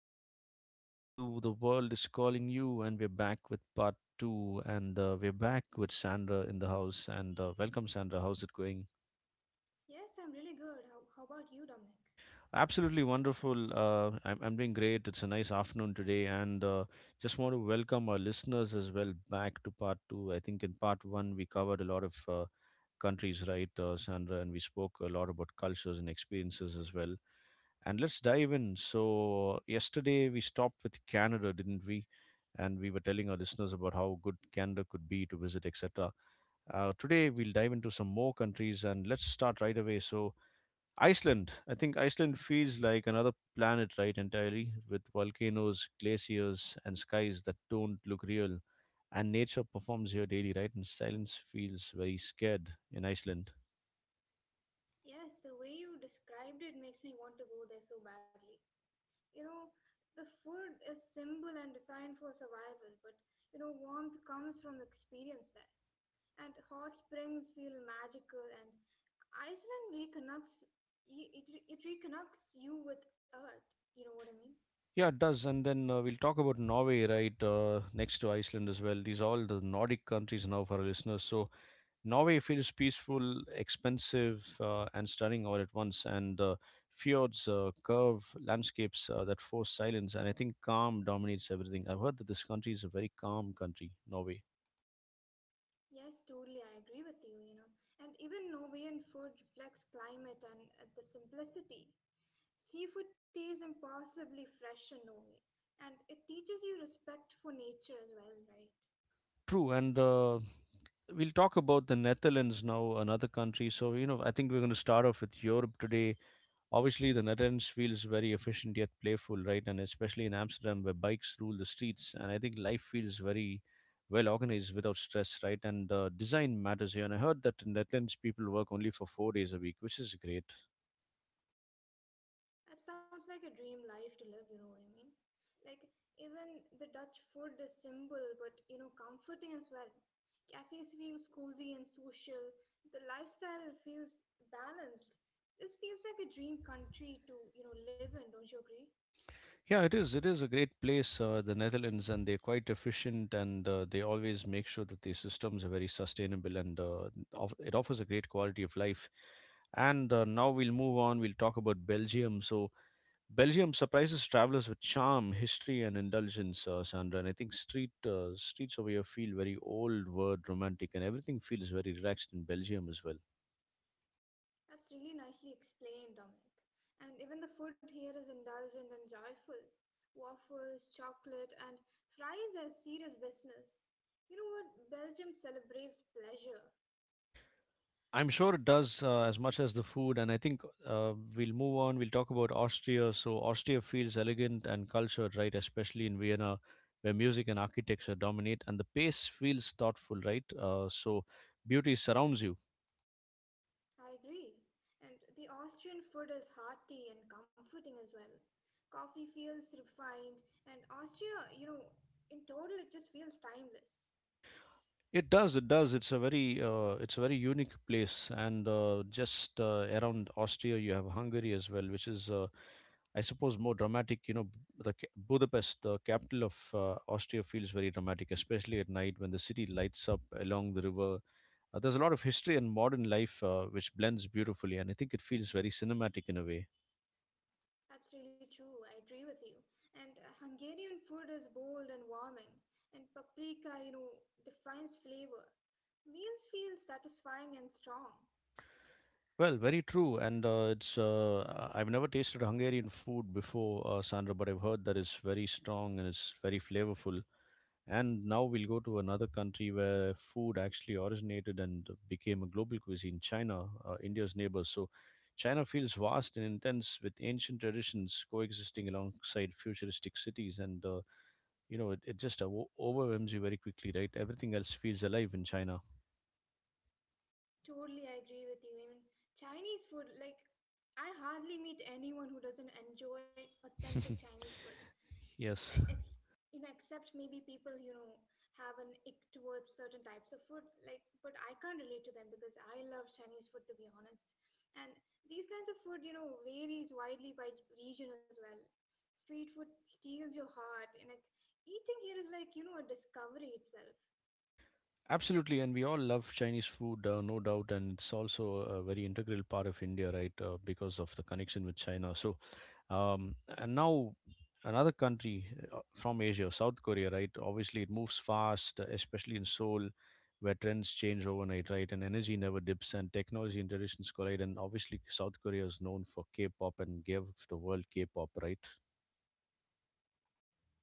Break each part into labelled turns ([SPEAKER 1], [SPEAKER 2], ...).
[SPEAKER 1] welcome back to The World is Calling You. And we're back with part two. And We're back with Sandra in the house. And Welcome, Sandra. How's it going?
[SPEAKER 2] Yes, I'm really good. How about you, Dominic?
[SPEAKER 1] Absolutely wonderful. I'm doing great. It's a nice afternoon today. And Just want to welcome our listeners as well back to part two. I think in part one, we covered a lot of countries, right, Sandra? And we spoke a lot about cultures and experiences as well. And let's dive in. So, yesterday we stopped with Canada, didn't we? And we were telling our listeners about how good Canada could be to visit, etc. Today we'll dive into some more countries and let's start right away. So, Iceland. I think Iceland feels like another planet, right, entirely, with volcanoes, glaciers, and skies that don't look real. And nature performs here daily, right? And silence feels very scared in Iceland.
[SPEAKER 2] Yes, the way you described it makes me want to go there so badly. You know, the food is simple and designed for survival, but warmth comes from the experience there. And hot springs feel magical, and Iceland reconnects y- it, re- it reconnects you with earth. You know what I mean?
[SPEAKER 1] Yeah, it does. And then we'll talk about Norway, right, next to Iceland as well. These are all the Nordic countries now for our listeners. So Norway feels peaceful, expensive, and stunning all at once. And Fjords, curve landscapes that force silence. And I think calm dominates everything. I've heard that this country is a very calm country, Norway.
[SPEAKER 2] Yes, totally. I agree with you, you know. And even Norwegian food reflects climate and the simplicity. Seafood tastes impossibly fresh in Norway, and it teaches you respect for nature as well, right?
[SPEAKER 1] True. And We'll talk about the Netherlands now, another country. So, you know, I think we're going to start off with Europe today. Obviously, the Netherlands feels very efficient yet playful, right? And especially in Amsterdam, where bikes rule the streets, and I think life feels very well organized without stress, right? And Design matters here. And I heard that in Netherlands people work only for 4 days a week, which is great.
[SPEAKER 2] That sounds like a dream life to live, you know what I mean? Like, even the Dutch food is simple but comforting as well. Cafes feels cozy and social, the lifestyle feels balanced. This feels like a dream country to live in, don't you agree?
[SPEAKER 1] Yeah, it is. It is a great place, the Netherlands, and they're quite efficient, and they always make sure that their systems are very sustainable, and it offers a great quality of life. And Now we'll move on. We'll talk about Belgium. So Belgium surprises travelers with charm, history, and indulgence, Sandra. And I think streets over here feel very old world, romantic, and everything feels very relaxed in Belgium as well.
[SPEAKER 2] That's really nicely explained, Dominic. And even the food here is indulgent and joyful. Waffles, chocolate, and fries are serious business. You know what? Belgium celebrates pleasure.
[SPEAKER 1] I'm sure it does as much as the food. And I think we'll move on. We'll talk about Austria. So Austria feels elegant and cultured, right? Especially in Vienna, where music and architecture dominate, and the pace feels thoughtful, right? So beauty surrounds you.
[SPEAKER 2] I agree. And the Austrian food is hearty and comforting as well. Coffee feels refined, and Austria, in total, it just feels timeless.
[SPEAKER 1] It does. It does. It's a very unique place, and just around Austria, you have Hungary as well, which is, I suppose, more dramatic. Budapest, the capital of Austria, feels very dramatic, especially at night when the city lights up along the river. There's a lot of history and modern life which blends beautifully, and I think it feels very cinematic in a way.
[SPEAKER 2] That's really true. I agree with you. And Hungarian food is bold and warming, and paprika, defines flavor. Meals feel satisfying and strong.
[SPEAKER 1] Well, very true, and it's. I've never tasted Hungarian food before, Sandra, but I've heard that it's very strong and it's very flavorful. And now we'll go to another country where food actually originated and became a global cuisine, China, India's neighbor. So China feels vast and intense with ancient traditions coexisting alongside futuristic cities. And, you know, it just o- overwhelms you very quickly, right? Everything else feels alive in China.
[SPEAKER 2] Totally, I agree with you. Even Chinese food, like, I hardly meet anyone who doesn't enjoy authentic Chinese food. Like,
[SPEAKER 1] Yes,
[SPEAKER 2] except maybe people have an ick towards certain types of food, like, but I can't relate to them because I love Chinese food, to be honest. And these kinds of food varies widely by region as well. Street food steals your heart, and like eating here is like, a discovery itself.
[SPEAKER 1] absolutely. And we all love Chinese food, no doubt. And it's also a very integral part of India, right? Because of the connection with China. And now another country from Asia, South Korea, right? Obviously, it moves fast, especially in Seoul, where trends change overnight, right? And energy never dips, and technology and traditions collide. And obviously, South Korea is known for K-pop and gave the world K-pop, right?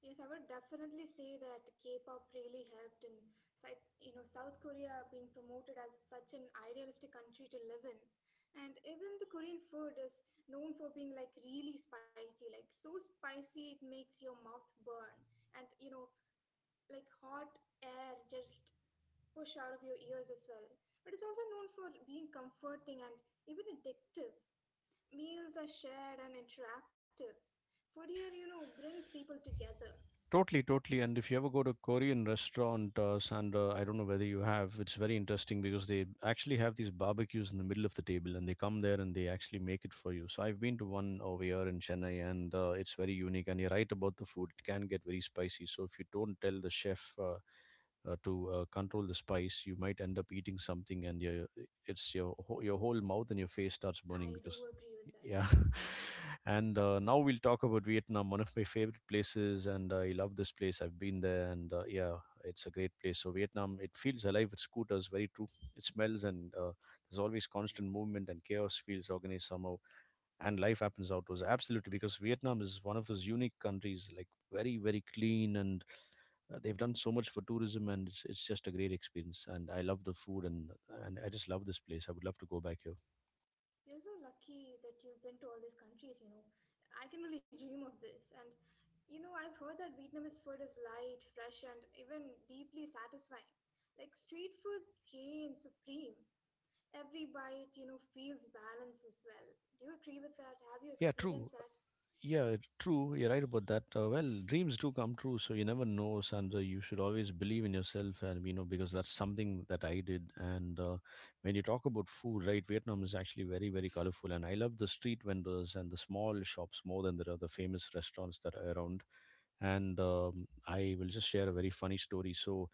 [SPEAKER 2] Yes, I would definitely say that K-pop really helped in, Sy- you know, South Korea being promoted as such an idealistic country to live in. And even the Korean food is known for being like really spicy, like so spicy it makes your mouth burn. And like hot air just push out of your ears as well. But it's also known for being comforting and even addictive. Meals are shared and interactive. Food here brings people together.
[SPEAKER 1] Totally, totally. And if you ever go to a Korean restaurant, Sandra, I don't know whether you have, it's very interesting because they actually have these barbecues in the middle of the table and they come there and they actually make it for you. So I've been to one over here in Chennai and it's very unique. And you're right about the food, it can get very spicy. So if you don't tell the chef to control the spice, you might end up eating something and your whole mouth and your face starts burning
[SPEAKER 2] I do
[SPEAKER 1] because
[SPEAKER 2] agree with that.
[SPEAKER 1] yeah. And Now we'll talk about Vietnam, one of my favorite places. And I love this place. I've been there, and yeah, it's a great place. So, Vietnam, it feels alive with scooters, very true. It smells, and there's always constant movement, and chaos feels organized somehow. And life happens outdoors. Absolutely, because Vietnam is one of those unique countries, like very, very clean, and they've done so much for tourism, and it's just a great experience. And I love the food, and I just love this place. I would love to go back here.
[SPEAKER 2] You're so lucky that you've been to all these countries. I can only dream of this. And I've heard that Vietnamese food is light, fresh, and even deeply satisfying. Like street food reigns supreme. Every bite feels balanced as well. Do you agree with that? Have you
[SPEAKER 1] Yeah, true.
[SPEAKER 2] experienced that?
[SPEAKER 1] Yeah, true. You're right about that. Well, dreams do come true, so you never know, Sandra. You should always believe in yourself, and you know because that's something that I did. And When you talk about food, right? Vietnam is actually very, very colorful, and I love the street vendors and the small shops more than there are the famous restaurants that are around. And I will just share a very funny story. So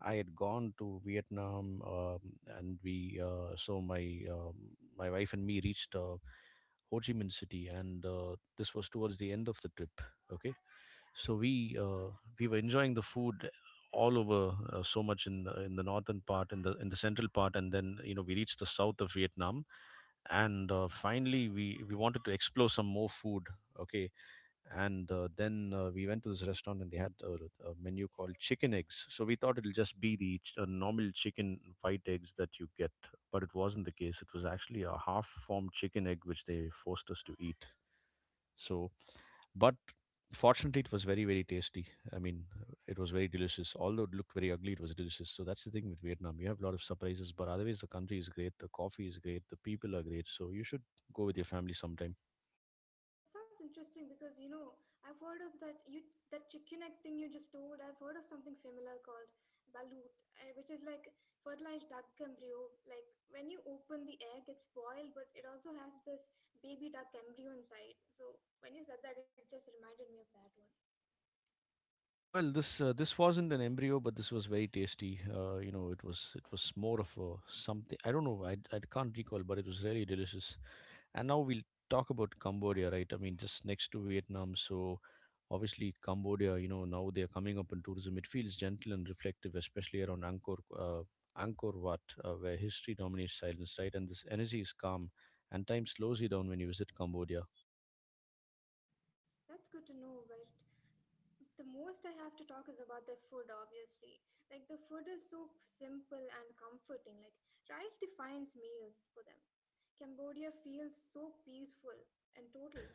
[SPEAKER 1] I had gone to Vietnam, and we so my my wife and me reached. Ho Chi Minh City, and this was towards the end of the trip. Okay, so we were enjoying the food all over so much in the northern part, in the central part, and then you know we reached the south of Vietnam, and finally we wanted to explore some more food. Okay, and then we went to this restaurant and they had a menu called chicken eggs, so we thought it'll just be the normal chicken white eggs that you get, but it wasn't the case. It was actually a half formed chicken egg which they forced us to eat. So, but fortunately, it was very, very tasty. I mean, it was very delicious. Although it looked very ugly, it was delicious. So that's the thing with Vietnam, you have a lot of surprises, but otherwise the country is great, the coffee is great, the people are great, so you should go with your family sometime.
[SPEAKER 2] That sounds interesting because I've heard of that chicken egg thing you just told. I've heard of something similar called balut, which is like fertilized duck embryo. Like when you open the egg, it's boiled, but it also has this baby duck embryo inside. So when you said that, it just reminded me of that one.
[SPEAKER 1] Well, this wasn't an embryo, but this was very tasty. You know, it was more of a something. I don't know. I can't recall, but it was really delicious. And now we'll talk about Cambodia, right? I mean, just next to Vietnam. So obviously, Cambodia. You know, now they are coming up in tourism. It feels gentle and reflective, especially around Angkor Wat, where history dominates silence, right? And this energy is calm, and time slows you down when you visit Cambodia.
[SPEAKER 2] That's good to know, but the most I have to talk is about the food, obviously. Like, the food is so simple and comforting. Like, rice defines meals for them. Cambodia feels so peaceful and total.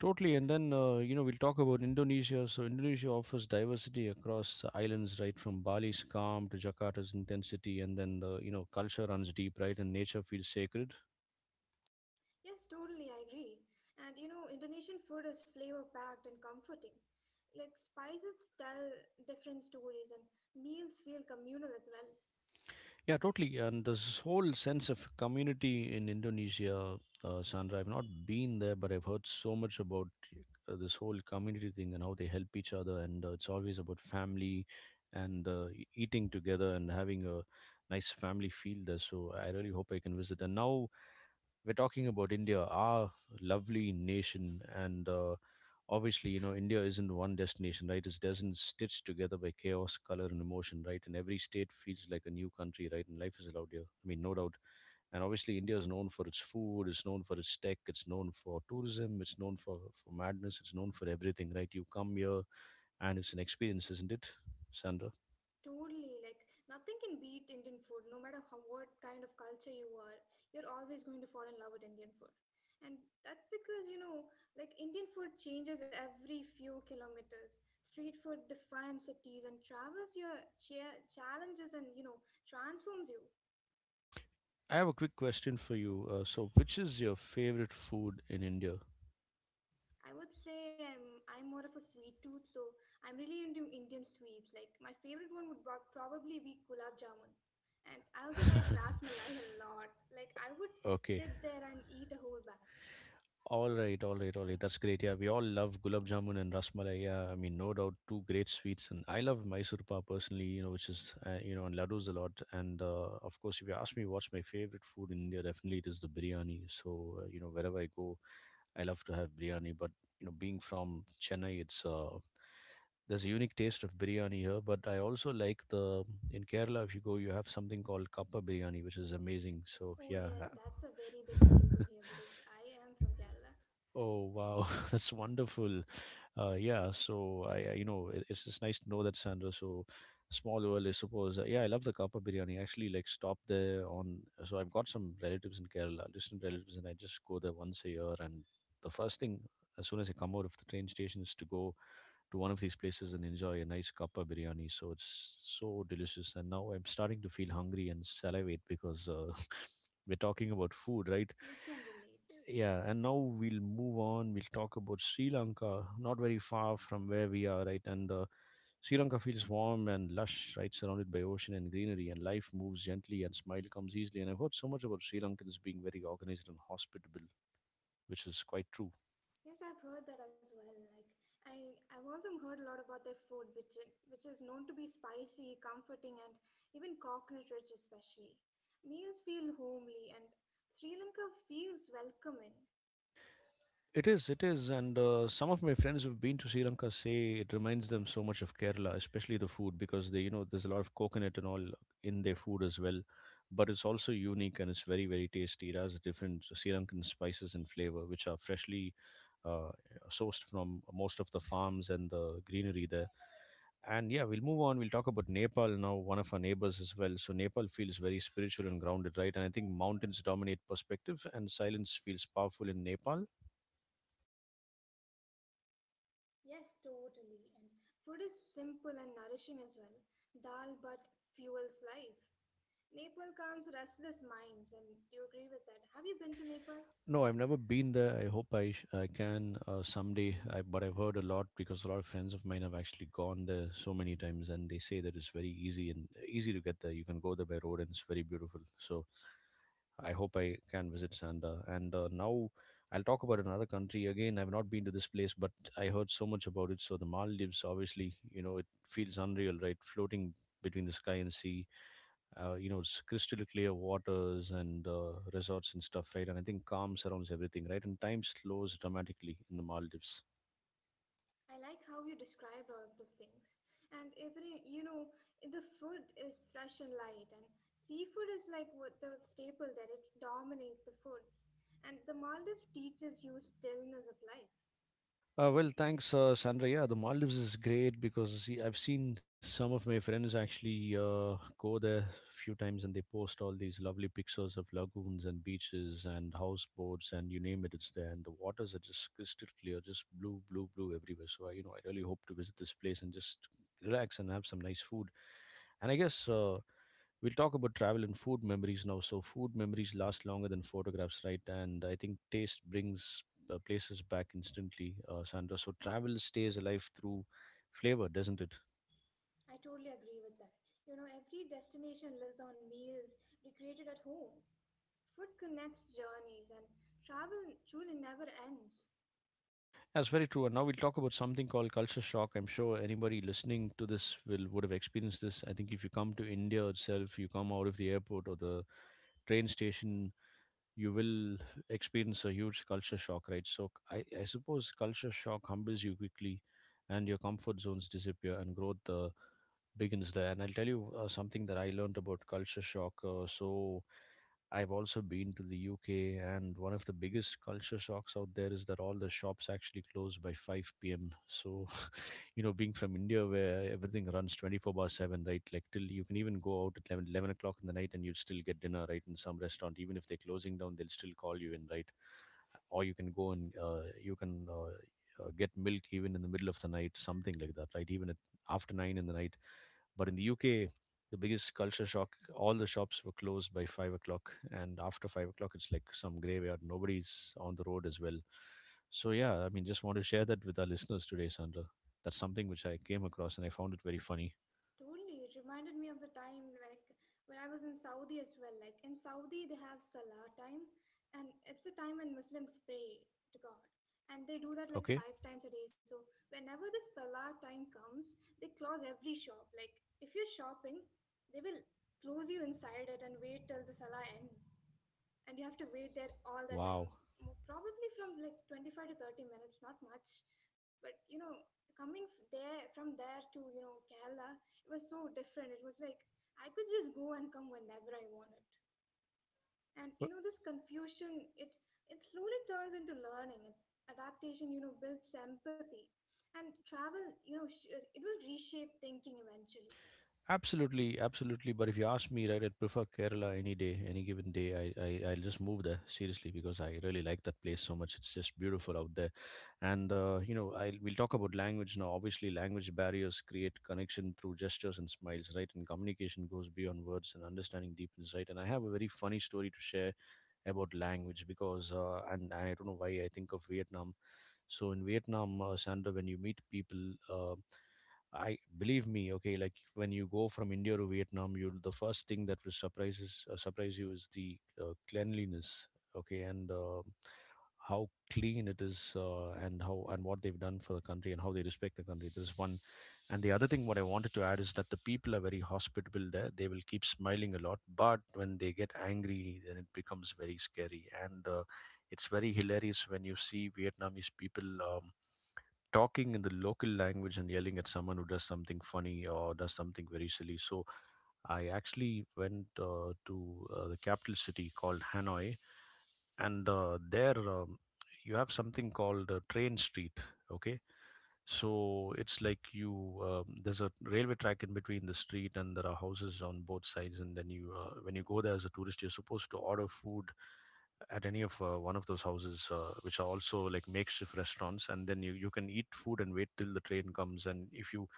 [SPEAKER 1] Totally, and then you know we'll talk about Indonesia. So Indonesia offers diversity across the islands, right from Bali's calm to Jakarta's intensity, and then the you know culture runs deep, right, and nature feels sacred.
[SPEAKER 2] Yes, totally, I agree. And Indonesian food is flavor packed and comforting. Like, spices tell different stories, and meals feel communal as well.
[SPEAKER 1] Yeah, totally, and there's this whole sense of community in Indonesia. Sandra, I've not been there, but I've heard so much about this whole community thing and how they help each other, and it's always about family and eating together and having a nice family feel there. So I really hope I can visit. And now we're talking about India, our lovely nation, and obviously, you know, India isn't one destination, right? It's dozens stitched together by chaos, color, and emotion, right? And every state feels like a new country, right? And life is allowed here. I mean, no doubt. And obviously, India is known for its food, it's known for its tech, it's known for tourism, it's known for madness, it's known for everything, right? You come here, and it's an experience, isn't it, Sandra?
[SPEAKER 2] Totally, like nothing can beat Indian food, no matter how, what kind of culture you are. You're always going to fall in love with Indian food. And that's because, like Indian food changes every few kilometers. Street food defines cities and travels your challenges and transforms you.
[SPEAKER 1] I have a quick question for you. Which is your favorite food in India?
[SPEAKER 2] I would say I'm more of a sweet tooth, so I'm really into Indian sweets. Like my favorite one would probably be gulab jamun, and I also like ras malai a lot. Like I would
[SPEAKER 1] Okay.
[SPEAKER 2] sit there and eat a whole batch.
[SPEAKER 1] All right, all right, all right. That's great. Yeah, we all love gulab jamun and rasmalai. Yeah, I mean, no doubt, two great sweets. And I love Mysore pa personally, you know, which is, you know, and laddus a lot. And Of course, if you ask me what's my favorite food in India, definitely it is the biryani. So, you know, wherever I go, I love to have biryani. But being from Chennai, there's a unique taste of biryani here. But I also like in Kerala, if you go, you have something called kappa biryani, which is amazing. So,
[SPEAKER 2] Oh
[SPEAKER 1] yeah.
[SPEAKER 2] yes, that's a very big staple here because I am from Kerala.
[SPEAKER 1] Oh wow, that's wonderful. Yeah, so I you know it, it's just nice to know that, Sandra. So small world, I suppose. Yeah, I love the kappa biryani. I actually like stop there on. So I've got some relatives in Kerala, distant relatives, and I just go there once a year. And the first thing as soon as I come out of the train station is to go to one of these places and enjoy a nice kappa biryani. So it's so delicious. And now I'm starting to feel hungry and salivate because we're talking about food, right?
[SPEAKER 2] We can relate.
[SPEAKER 1] Yeah, and now we'll move on. We'll talk about Sri Lanka, not very far from where we are, right? And Sri Lanka feels warm and lush, right? Surrounded by ocean and greenery, and life moves gently and smile comes easily. And I've heard so much about Sri Lankans being very organized and hospitable, which is quite true.
[SPEAKER 2] Yes, I've heard that as well. Like I've also heard a lot about their food, which is known to be spicy, comforting, and even coconut rich, especially. Meals feel homely, and Sri Lanka feels welcoming.
[SPEAKER 1] It is, and some of my friends who've been to Sri Lanka say it reminds them so much of Kerala, especially the food, because they, there's a lot of coconut and all in their food as well. But it's also unique and it's very, very tasty. It has different Sri Lankan spices and flavor, which are freshly uh, sourced from most of the farms and the greenery there. And yeah, we'll move on. We'll talk about Nepal now, one of our neighbors as well. So Nepal feels very spiritual and grounded, right? And I think mountains dominate perspective, and silence feels powerful in Nepal.
[SPEAKER 2] Yes, totally. And food is simple and nourishing as well. Dal but fuels life. Nepal calms restless minds, and do you agree with that? Have you been to Nepal?
[SPEAKER 1] No, I've never been there. I hope I can someday. But I've heard a lot because a lot of friends of mine have actually gone there so many times, and they say that it's very easy and easy to get there. You can go there by road, and it's very beautiful. So I hope I can visit Sanda. And now I'll talk about another country again. I've not been to this place, but I heard so much about it. So the Maldives, obviously, it feels unreal, right? Floating between the sky and sea, it's crystal clear waters and resorts and stuff, right? And I think calm surrounds everything, right? And time slows dramatically in the Maldives.
[SPEAKER 2] I like how you described all of those things. And even the food is fresh and light, and seafood is like what the staple there, it dominates the foods. And the Maldives teaches you stillness of life.
[SPEAKER 1] Well, thanks, Sandra. Yeah, the Maldives is great because see, I've seen some of my friends actually go there a few times and they post all these lovely pictures of lagoons and beaches and houseboats and you name it, it's there. And the waters are just crystal clear, just blue, blue, blue everywhere. So, I really hope to visit this place and just relax and have some nice food. And I guess we'll talk about travel and food memories now. So, food memories last longer than photographs, right? And I think taste brings places back instantly, Sandra. So, travel stays alive through flavor, doesn't it?
[SPEAKER 2] I totally agree with that. Every destination lives on meals recreated at home. Food connects journeys, and travel truly never ends.
[SPEAKER 1] That's very true. And now we'll talk about something called culture shock. I'm sure anybody listening to this will would have experienced this. I think if you come to India itself, you come out of the airport or the train station, you will experience a huge culture shock, right? So I suppose culture shock humbles you quickly and your comfort zones disappear and growth begins there. And I'll tell you something that I learned about culture shock. So I've also been to the UK, and one of the biggest culture shocks out there is that all the shops actually close by 5 p.m. So you know, being from India where everything runs 24/7, right? Like, till you can even go out at eleven o'clock in the night and you'll still get dinner, right? In some restaurant, even if they're closing down, they'll still call you in, right? Or you can go and you can get milk even in the middle of the night, something like that, right? Even at after 9 in the night, but in the UK, the biggest culture shock all the shops were closed by 5 o'clock. And after 5 o'clock, it's like some graveyard. Nobody's on the road as well. So, yeah, I mean, just want to share that with our listeners today, Sandra. That's something which I came across and I found it very funny.
[SPEAKER 2] Totally, it reminded me of the time like when I was in Saudi as well. Like in Saudi, they have Salah time, and it's the time when Muslims pray to God, and they do that like
[SPEAKER 1] Okay.
[SPEAKER 2] five times a day. So whenever the Salah time comes, they close every shop. Like if you're shopping, they will close you inside it and wait till the Salah ends and you have to wait there all the time.
[SPEAKER 1] Wow.
[SPEAKER 2] Probably from like 25 to 30 minutes, not much, but coming f- there from there to Kerala, it was so different. It was like I could just go and come whenever I wanted. And you know this confusion, it slowly turns into learning, and adaptation, builds empathy. And travel, it will reshape thinking eventually.
[SPEAKER 1] Absolutely, absolutely. But if you ask me, right, I'd prefer Kerala any day, any given day. I'll just move there seriously because I really like that place so much. It's just beautiful out there, and you know, I we'll talk about language now. Obviously, language barriers create connection through gestures and smiles, right? And communication goes beyond words, and understanding deepens, right? And I have a very funny story to share about language, because and I don't know why I think of Vietnam. So in Vietnam, Sandra, when you meet people, I believe me, okay, like when you go from India to Vietnam, you will the first thing that will surprise you is the cleanliness, okay, and how clean it is, and how and what they've done for the country and how they respect the country. This is one, and the other thing what I wanted to add is that the people are very hospitable there. They will keep smiling a lot, but when they get angry, then it becomes very scary. And it's very hilarious when you see Vietnamese people talking in the local language and yelling at someone who does something funny or does something very silly. So I actually went to the capital city called Hanoi, and there, you have something called Train Street. Okay, so it's like you there's a railway track in between the street, and there are houses on both sides. And then you when you go there as a tourist, you're supposed to order food at any of one of those houses, which are also like makeshift restaurants. And then you can eat food and wait till the train comes. And if you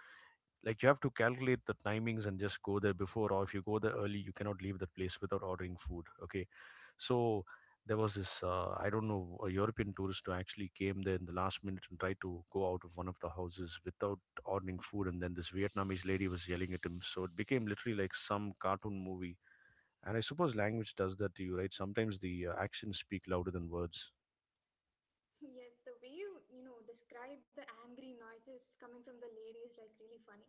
[SPEAKER 1] like, you have to calculate the timings and just go there before, or if you go there early, you cannot leave that place without ordering food. Okay, so there was this, I don't know, a European tourist who actually came there in the last minute and tried to go out of one of the houses without ordering food. And then this Vietnamese lady was yelling at him. So it became literally like some cartoon movie. And I suppose language does that to you, right? Sometimes the actions speak louder than words.
[SPEAKER 2] Yeah, the way you describe the angry noises coming from the lady is like really funny.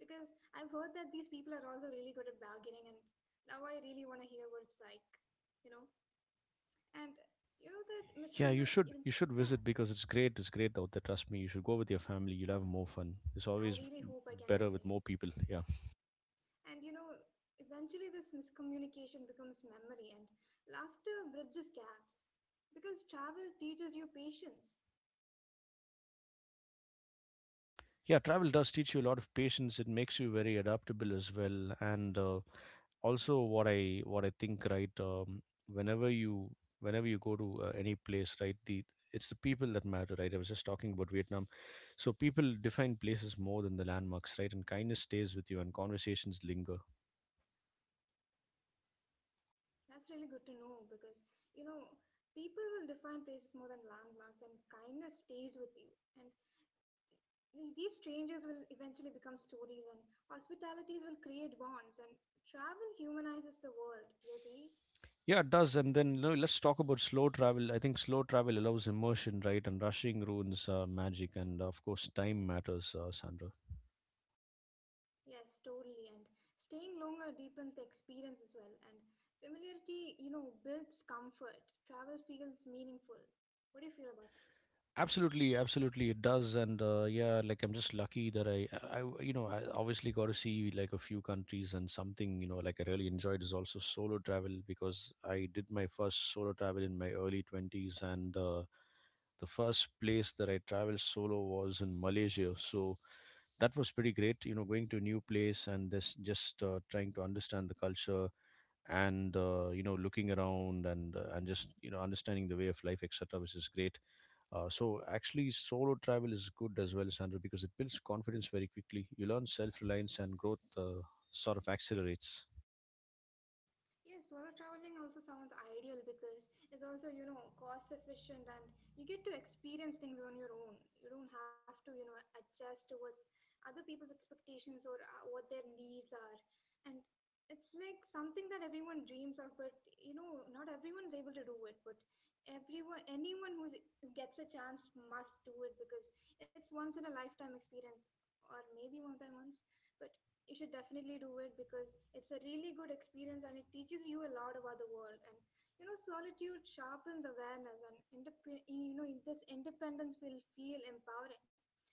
[SPEAKER 2] Because I've heard that these people are also really good at bargaining, and now I really want to hear what's like, you know. And you know that Miss
[SPEAKER 1] Yeah,
[SPEAKER 2] Kurna,
[SPEAKER 1] you should
[SPEAKER 2] yeah,
[SPEAKER 1] visit because it's great. It's great out there. Trust me, you should go with your family. You'll have more fun. It's
[SPEAKER 2] I
[SPEAKER 1] always
[SPEAKER 2] really hope I can
[SPEAKER 1] better with
[SPEAKER 2] someday.
[SPEAKER 1] more people. Yeah,
[SPEAKER 2] And eventually this miscommunication becomes memory, and laughter bridges gaps. Because travel teaches you patience.
[SPEAKER 1] yeah. Travel does teach you a lot of patience. It makes you very adaptable as well, and also what I think, right? Whenever you go to any place, right, the it's the people that matter, right? I was just talking about Vietnam. So people define places more than the landmarks, right? And kindness stays with you and conversations linger.
[SPEAKER 2] That's really good to know because, you know, people will define places more than landmarks, and kindness stays with you. And these strangers will eventually become stories, and hospitalities will create bonds, and travel humanizes the world. Do you agree?
[SPEAKER 1] Yeah, it does. And then, let's talk about slow travel. I think slow travel allows immersion, right? And rushing ruins magic. And of course time matters, Sandra.
[SPEAKER 2] Yes, totally. And staying longer deepens the experience as well. And familiarity builds comfort. Travel feels meaningful. What do you feel about that?
[SPEAKER 1] Absolutely, absolutely, it does, and yeah, like I'm just lucky that I obviously got to see like a few countries, and something like I really enjoyed is also solo travel because I did my first solo travel in my early twenties, and the first place that I traveled solo was in Malaysia, so that was pretty great. You know, going to a new place and this just trying to understand the culture and looking around and just understanding the way of life, etc., which is great. So actually, solo travel is good as well, Sandra, because it builds confidence very quickly. You learn self-reliance and growth sort of accelerates.
[SPEAKER 2] Yes, solo traveling also sounds ideal because it's also cost efficient, and you get to experience things on your own. You don't have to adjust towards other people's expectations or what their needs are. And it's like something that everyone dreams of, but not everyone is able to do it. But everyone, anyone who gets a chance must do it because it's once in a lifetime experience, or maybe more than once. But you should definitely do it because it's a really good experience, and it teaches you a lot about the world. And solitude sharpens awareness, and this independence will feel empowering.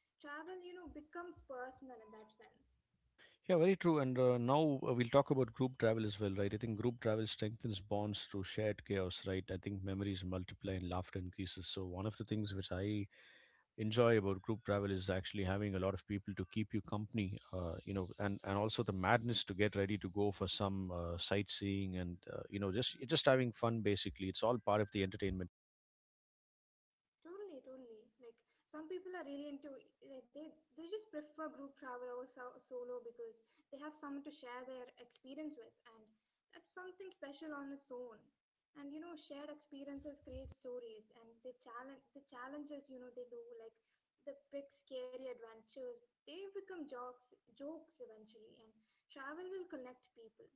[SPEAKER 2] Travel, becomes personal in that sense.
[SPEAKER 1] Yeah, very true. And now, we'll talk about group travel as well, right? I think group travel strengthens bonds through shared chaos, right? I think memories multiply and laughter increases. So one of the things which I enjoy about group travel is actually having a lot of people to keep you company, and also the madness to get ready to go for some sightseeing and just having fun. Basically, it's all part of the entertainment.
[SPEAKER 2] Totally, totally. Like some people are really into, like, they just prefer group travel over solo because they have someone to share their experience with, and that's something special on its own. And shared experiences create stories, and the challenges. You know, they do, like the big scary adventures. They become jokes eventually, and travel will connect people.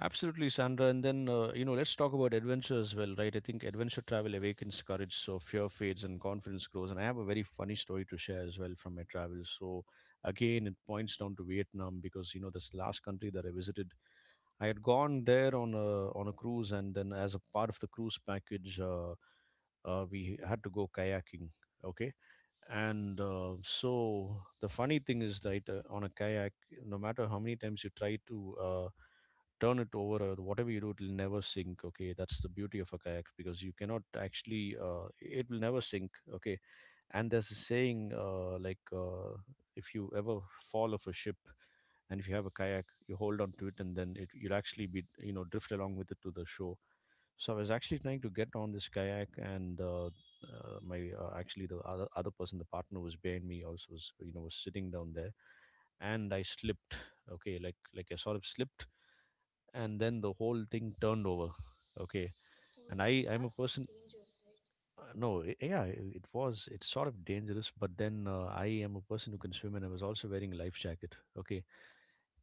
[SPEAKER 1] Absolutely, Sandra. And then, let's talk about adventure as well, right? I think adventure travel awakens courage, so fear fades and confidence grows. And I have a very funny story to share as well from my travels. So, again, it points down to Vietnam because, you know, this last country that I visited, I had gone there on a cruise, and then as a part of the cruise package, we had to go kayaking. Okay. And so the funny thing is that on a kayak, no matter how many times you try to, turn it over or whatever you do, it will never sink. Okay, that's the beauty of a kayak, because you cannot actually, it will never sink. Okay, and there's a saying , like, if you ever fall off a ship and if you have a kayak, you hold on to it and then it, you'll actually be, you know, drift along with it to the shore. So I was actually trying to get on this kayak and my actually the other person, the partner, was behind me, also was, you know, was sitting down there, and I slipped. Okay, like I sort of slipped, and then the whole thing turned over. Okay,
[SPEAKER 2] Oh,
[SPEAKER 1] and i
[SPEAKER 2] damn,
[SPEAKER 1] i'm a
[SPEAKER 2] that's
[SPEAKER 1] person
[SPEAKER 2] dangerous, right?
[SPEAKER 1] no I- yeah I- It was, it's sort of dangerous, but then I am a person who can swim, and I was also wearing a life jacket. Okay,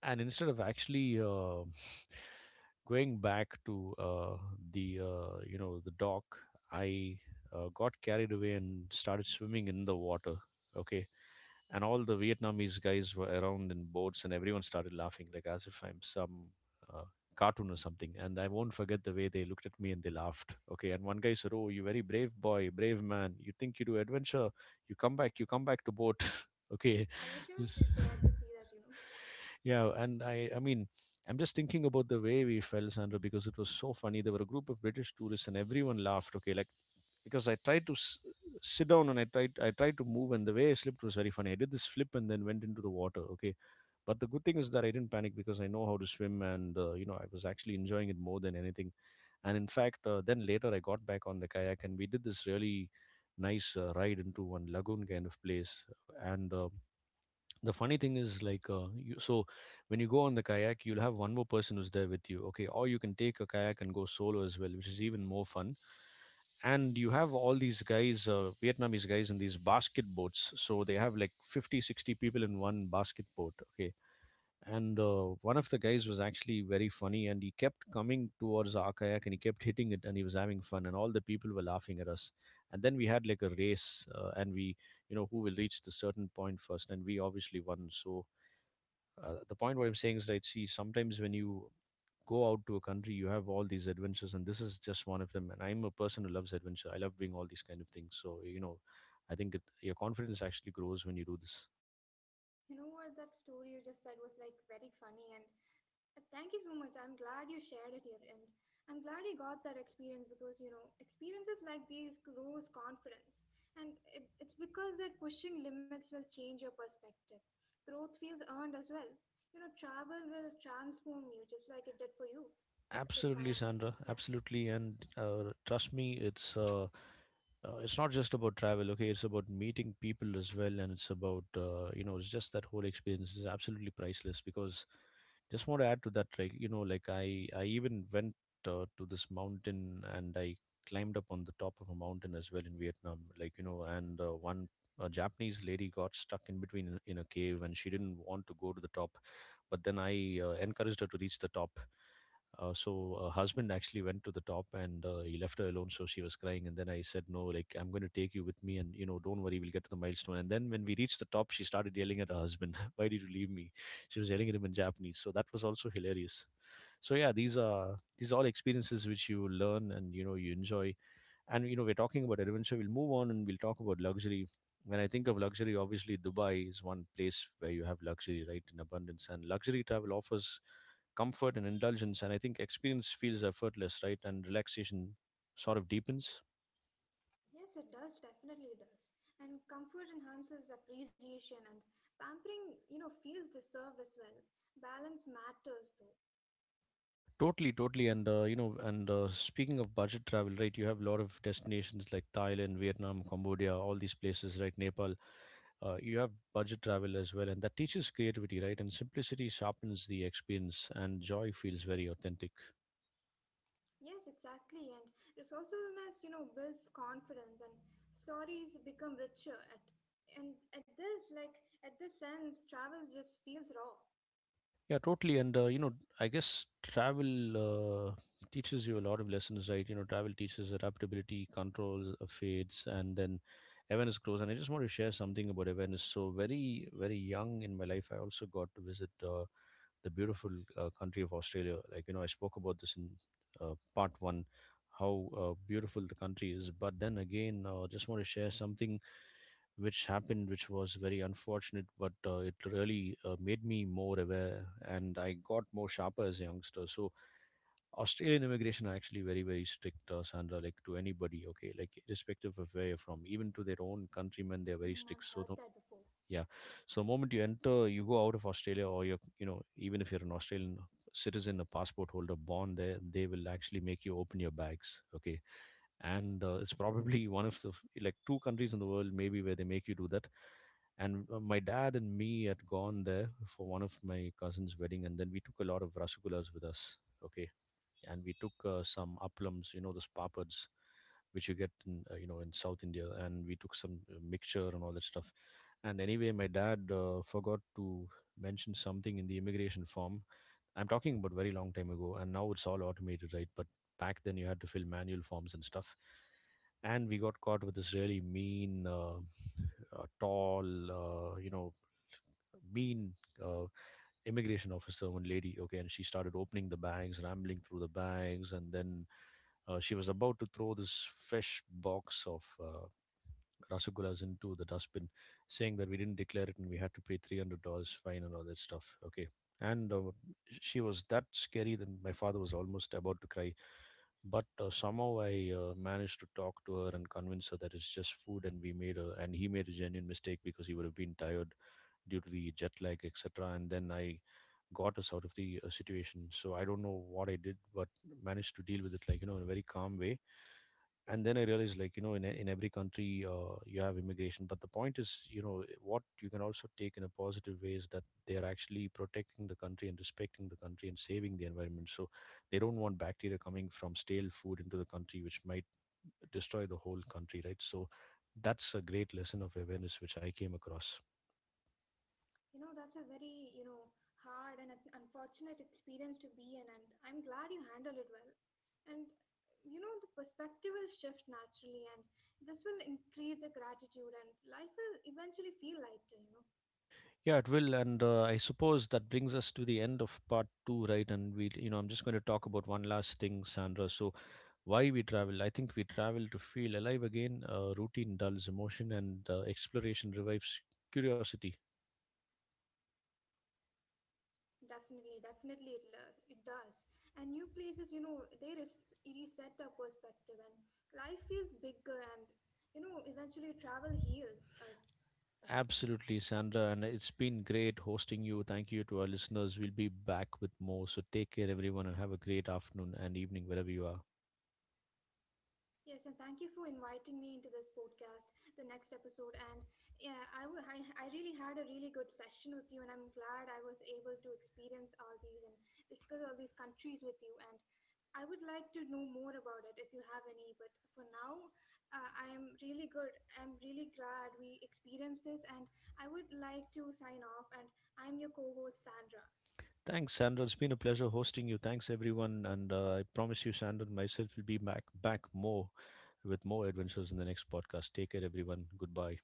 [SPEAKER 1] and instead of actually going back to the you know the dock, I got carried away and started swimming in the water. Okay, and all the Vietnamese guys were around in boats, and everyone started laughing like as if I'm some uh, cartoon or something. And I won't forget the way they looked at me and they laughed. Okay, and one guy said, "Oh, you very brave boy, brave man. You think you do adventure? You come back to boat." okay,
[SPEAKER 2] I wish I was there to see that.
[SPEAKER 1] Yeah, and I mean, I'm just thinking about the way we felt, Sandra, because it was so funny. There were a group of British tourists, and everyone laughed. Okay, like because I tried to sit down, and I tried to move, and the way I slipped was very funny. I did this flip and then went into the water. Okay, but the good thing is that I didn't panic because I know how to swim, and you know, I was actually enjoying it more than anything. And in fact, then later I got back on the kayak, and we did this really nice ride into one lagoon kind of place, and the funny thing is like you, so when you go on the kayak, you'll have one more person who's there with you. Okay, or you can take a kayak and go solo as well, which is even more fun. And you have all these guys, Vietnamese guys, in these basket boats, so they have like 50, 60 people in one basket boat. Okay, and one of the guys was actually very funny, and he kept coming towards our kayak and he kept hitting it, and he was having fun, and all the people were laughing at us. And then we had like a race, and we, you know, who will reach the certain point first, and we obviously won. So the point what I'm saying is, right, see, sometimes when you go out to a country, you have all these adventures, and this is just one of them, and I'm a person who loves adventure, I love doing all these kind of things, so you know, I think it, your confidence actually grows when you do this.
[SPEAKER 2] You know what? That story you just said was like very funny, and thank you so much. I'm glad you shared it here, and I'm glad you got that experience because experiences like these grows confidence, and it's because that pushing limits will change your perspective. Growth feels earned as well. Travel will transform you just like it did for you with the
[SPEAKER 1] Absolutely,
[SPEAKER 2] kayaking.
[SPEAKER 1] Sandra.
[SPEAKER 2] Yeah.
[SPEAKER 1] Absolutely, and trust me, it's not just about travel. Okay, it's about meeting people as well, and it's about it's just that whole experience is absolutely priceless. Because just want to add to that, like you know, like I even went to this mountain, and I climbed up on the top of a mountain as well in Vietnam. Like you know, and one a Japanese lady got stuck in between in a cave, and she didn't want to go to the top, but then I encouraged her to reach the top. So her husband actually went to the top, and he left her alone. So she was crying, and then I said, "No, like I'm going to take you with me, and you know, don't worry, we'll get to the milestone." And then when we reached the top, she started yelling at her husband, "Why did you leave me?" She was yelling at him in Japanese. So that was also hilarious. So yeah, these are all experiences which you learn and you know you enjoy. And you know, we're talking about Aravind, so we'll move on and we'll talk about luxury. When I think of luxury, obviously Dubai is one place where you have luxury, right, in abundance, and luxury travel offers comfort and indulgence, and I think experience feels effortless, right, and relaxation sort of deepens.
[SPEAKER 2] Yes, it does, definitely does. And comfort enhances appreciation, and pampering feels deserved as well. Balance matters though.
[SPEAKER 1] Totally, totally, and speaking of budget travel, right, you have a lot of destinations like Thailand, Vietnam, Cambodia, all these places, right, Nepal, you have budget travel as well, and that teaches creativity, right? And simplicity sharpens the experience, and joy feels very authentic.
[SPEAKER 2] Yes, exactly. And resourcefulness builds confidence, and stories become richer, at and at this like at this sense travel just feels raw.
[SPEAKER 1] Yeah, totally. And I guess travel teaches you a lot of lessons, right? You know, travel teaches adaptability, control fades, and then awareness grows. And I just want to share something about awareness. So very, very young in my life, I also got to visit. The beautiful country of Australia. Like you know, I spoke about this in part one, how beautiful the country is. But then again, just want to share something which happened, which was very unfortunate, but it really made me more aware, and I got more sharper as a youngster. So Australian immigration are actually very very strict, Sandra. Like to anybody, okay, like irrespective of where you're from, even to their own countrymen, they're very
[SPEAKER 2] Mm,
[SPEAKER 1] strict.
[SPEAKER 2] I've
[SPEAKER 1] So
[SPEAKER 2] heard
[SPEAKER 1] the
[SPEAKER 2] that before.
[SPEAKER 1] yeah, so the moment you enter, you go out of Australia, or you're, you know, even if you're an Australian citizen, a passport holder born there, they will actually make you open your bags. Okay, and it's probably one of the like two countries in the world, maybe, where they make you do that. And my dad and me had gone there for one of my cousin's wedding, and then we took a lot of rasagullas with us. Okay, and we took some applams, you know, those papads which you get in, in South India, and we took some mixture and all that stuff. And anyway, my dad forgot to mention something in the immigration form. I'm talking about very long time ago, and now it's all automated, right? But back then, you had to fill manual forms and stuff. And we got caught with this really mean, tall, you know, mean uh, immigration officer, one lady, okay, and she started opening the bags, rambling through the bags, and then she was about to throw this fresh box of rasagullas into the dustbin, saying that we didn't declare it and we had to pay $300 fine and all that stuff, okay. And she was that scary that my father was almost about to cry. But somehow I managed to talk to her and convince her that it's just food, and we made a and he made a genuine mistake because he would have been tired due to the jet lag, etc. And then I got us out of the situation. So I don't know what I did, but managed to deal with it, like you know, in a very calm way. And then I realized, like you know, in in every country, you have immigration, but the point is, you know, what you can also take in a positive way is that they are actually protecting the country and respecting the country and saving the environment. So they don't want bacteria coming from stale food into the country, which might destroy the whole country, right? So that's a great lesson of awareness which I came across.
[SPEAKER 2] That's a very hard and unfortunate experience to be in, and I'm glad you handled it well. And the perspective will shift naturally, and this will increase the gratitude, and life will eventually feel lighter.
[SPEAKER 1] Yeah, it will, and I suppose that brings us to the end of part two, right? And we, you know, I'm just going to talk about one last thing, Sandra. So, why we travel? I think we travel to feel alive again. Routine dulls emotion, and exploration revives curiosity.
[SPEAKER 2] Definitely, definitely, it does. And new places they reset our perspective, and life feels bigger, and eventually travel heals us.
[SPEAKER 1] Absolutely, Sandra, and it's been great hosting you. Thank you to our listeners. We'll be back with more. So, take care, everyone, and have a great afternoon and evening wherever you are.
[SPEAKER 2] Yes, and thank you for inviting me into this podcast, the next episode. And yeah, I wa- I really had a really good session with you, and I'm glad I was able to experience all these and discuss all these countries with you. And I would like to know more about it if you have any. But for now, I am really good. I'm really glad we experienced this, and I would like to sign off. And I'm your co-host Sandra.
[SPEAKER 1] Thanks, Sandra. It's been a pleasure hosting you. Thanks, everyone, and I promise you, Sandra and myself will be back more with more adventures in the next podcast. Take care, everyone. Goodbye.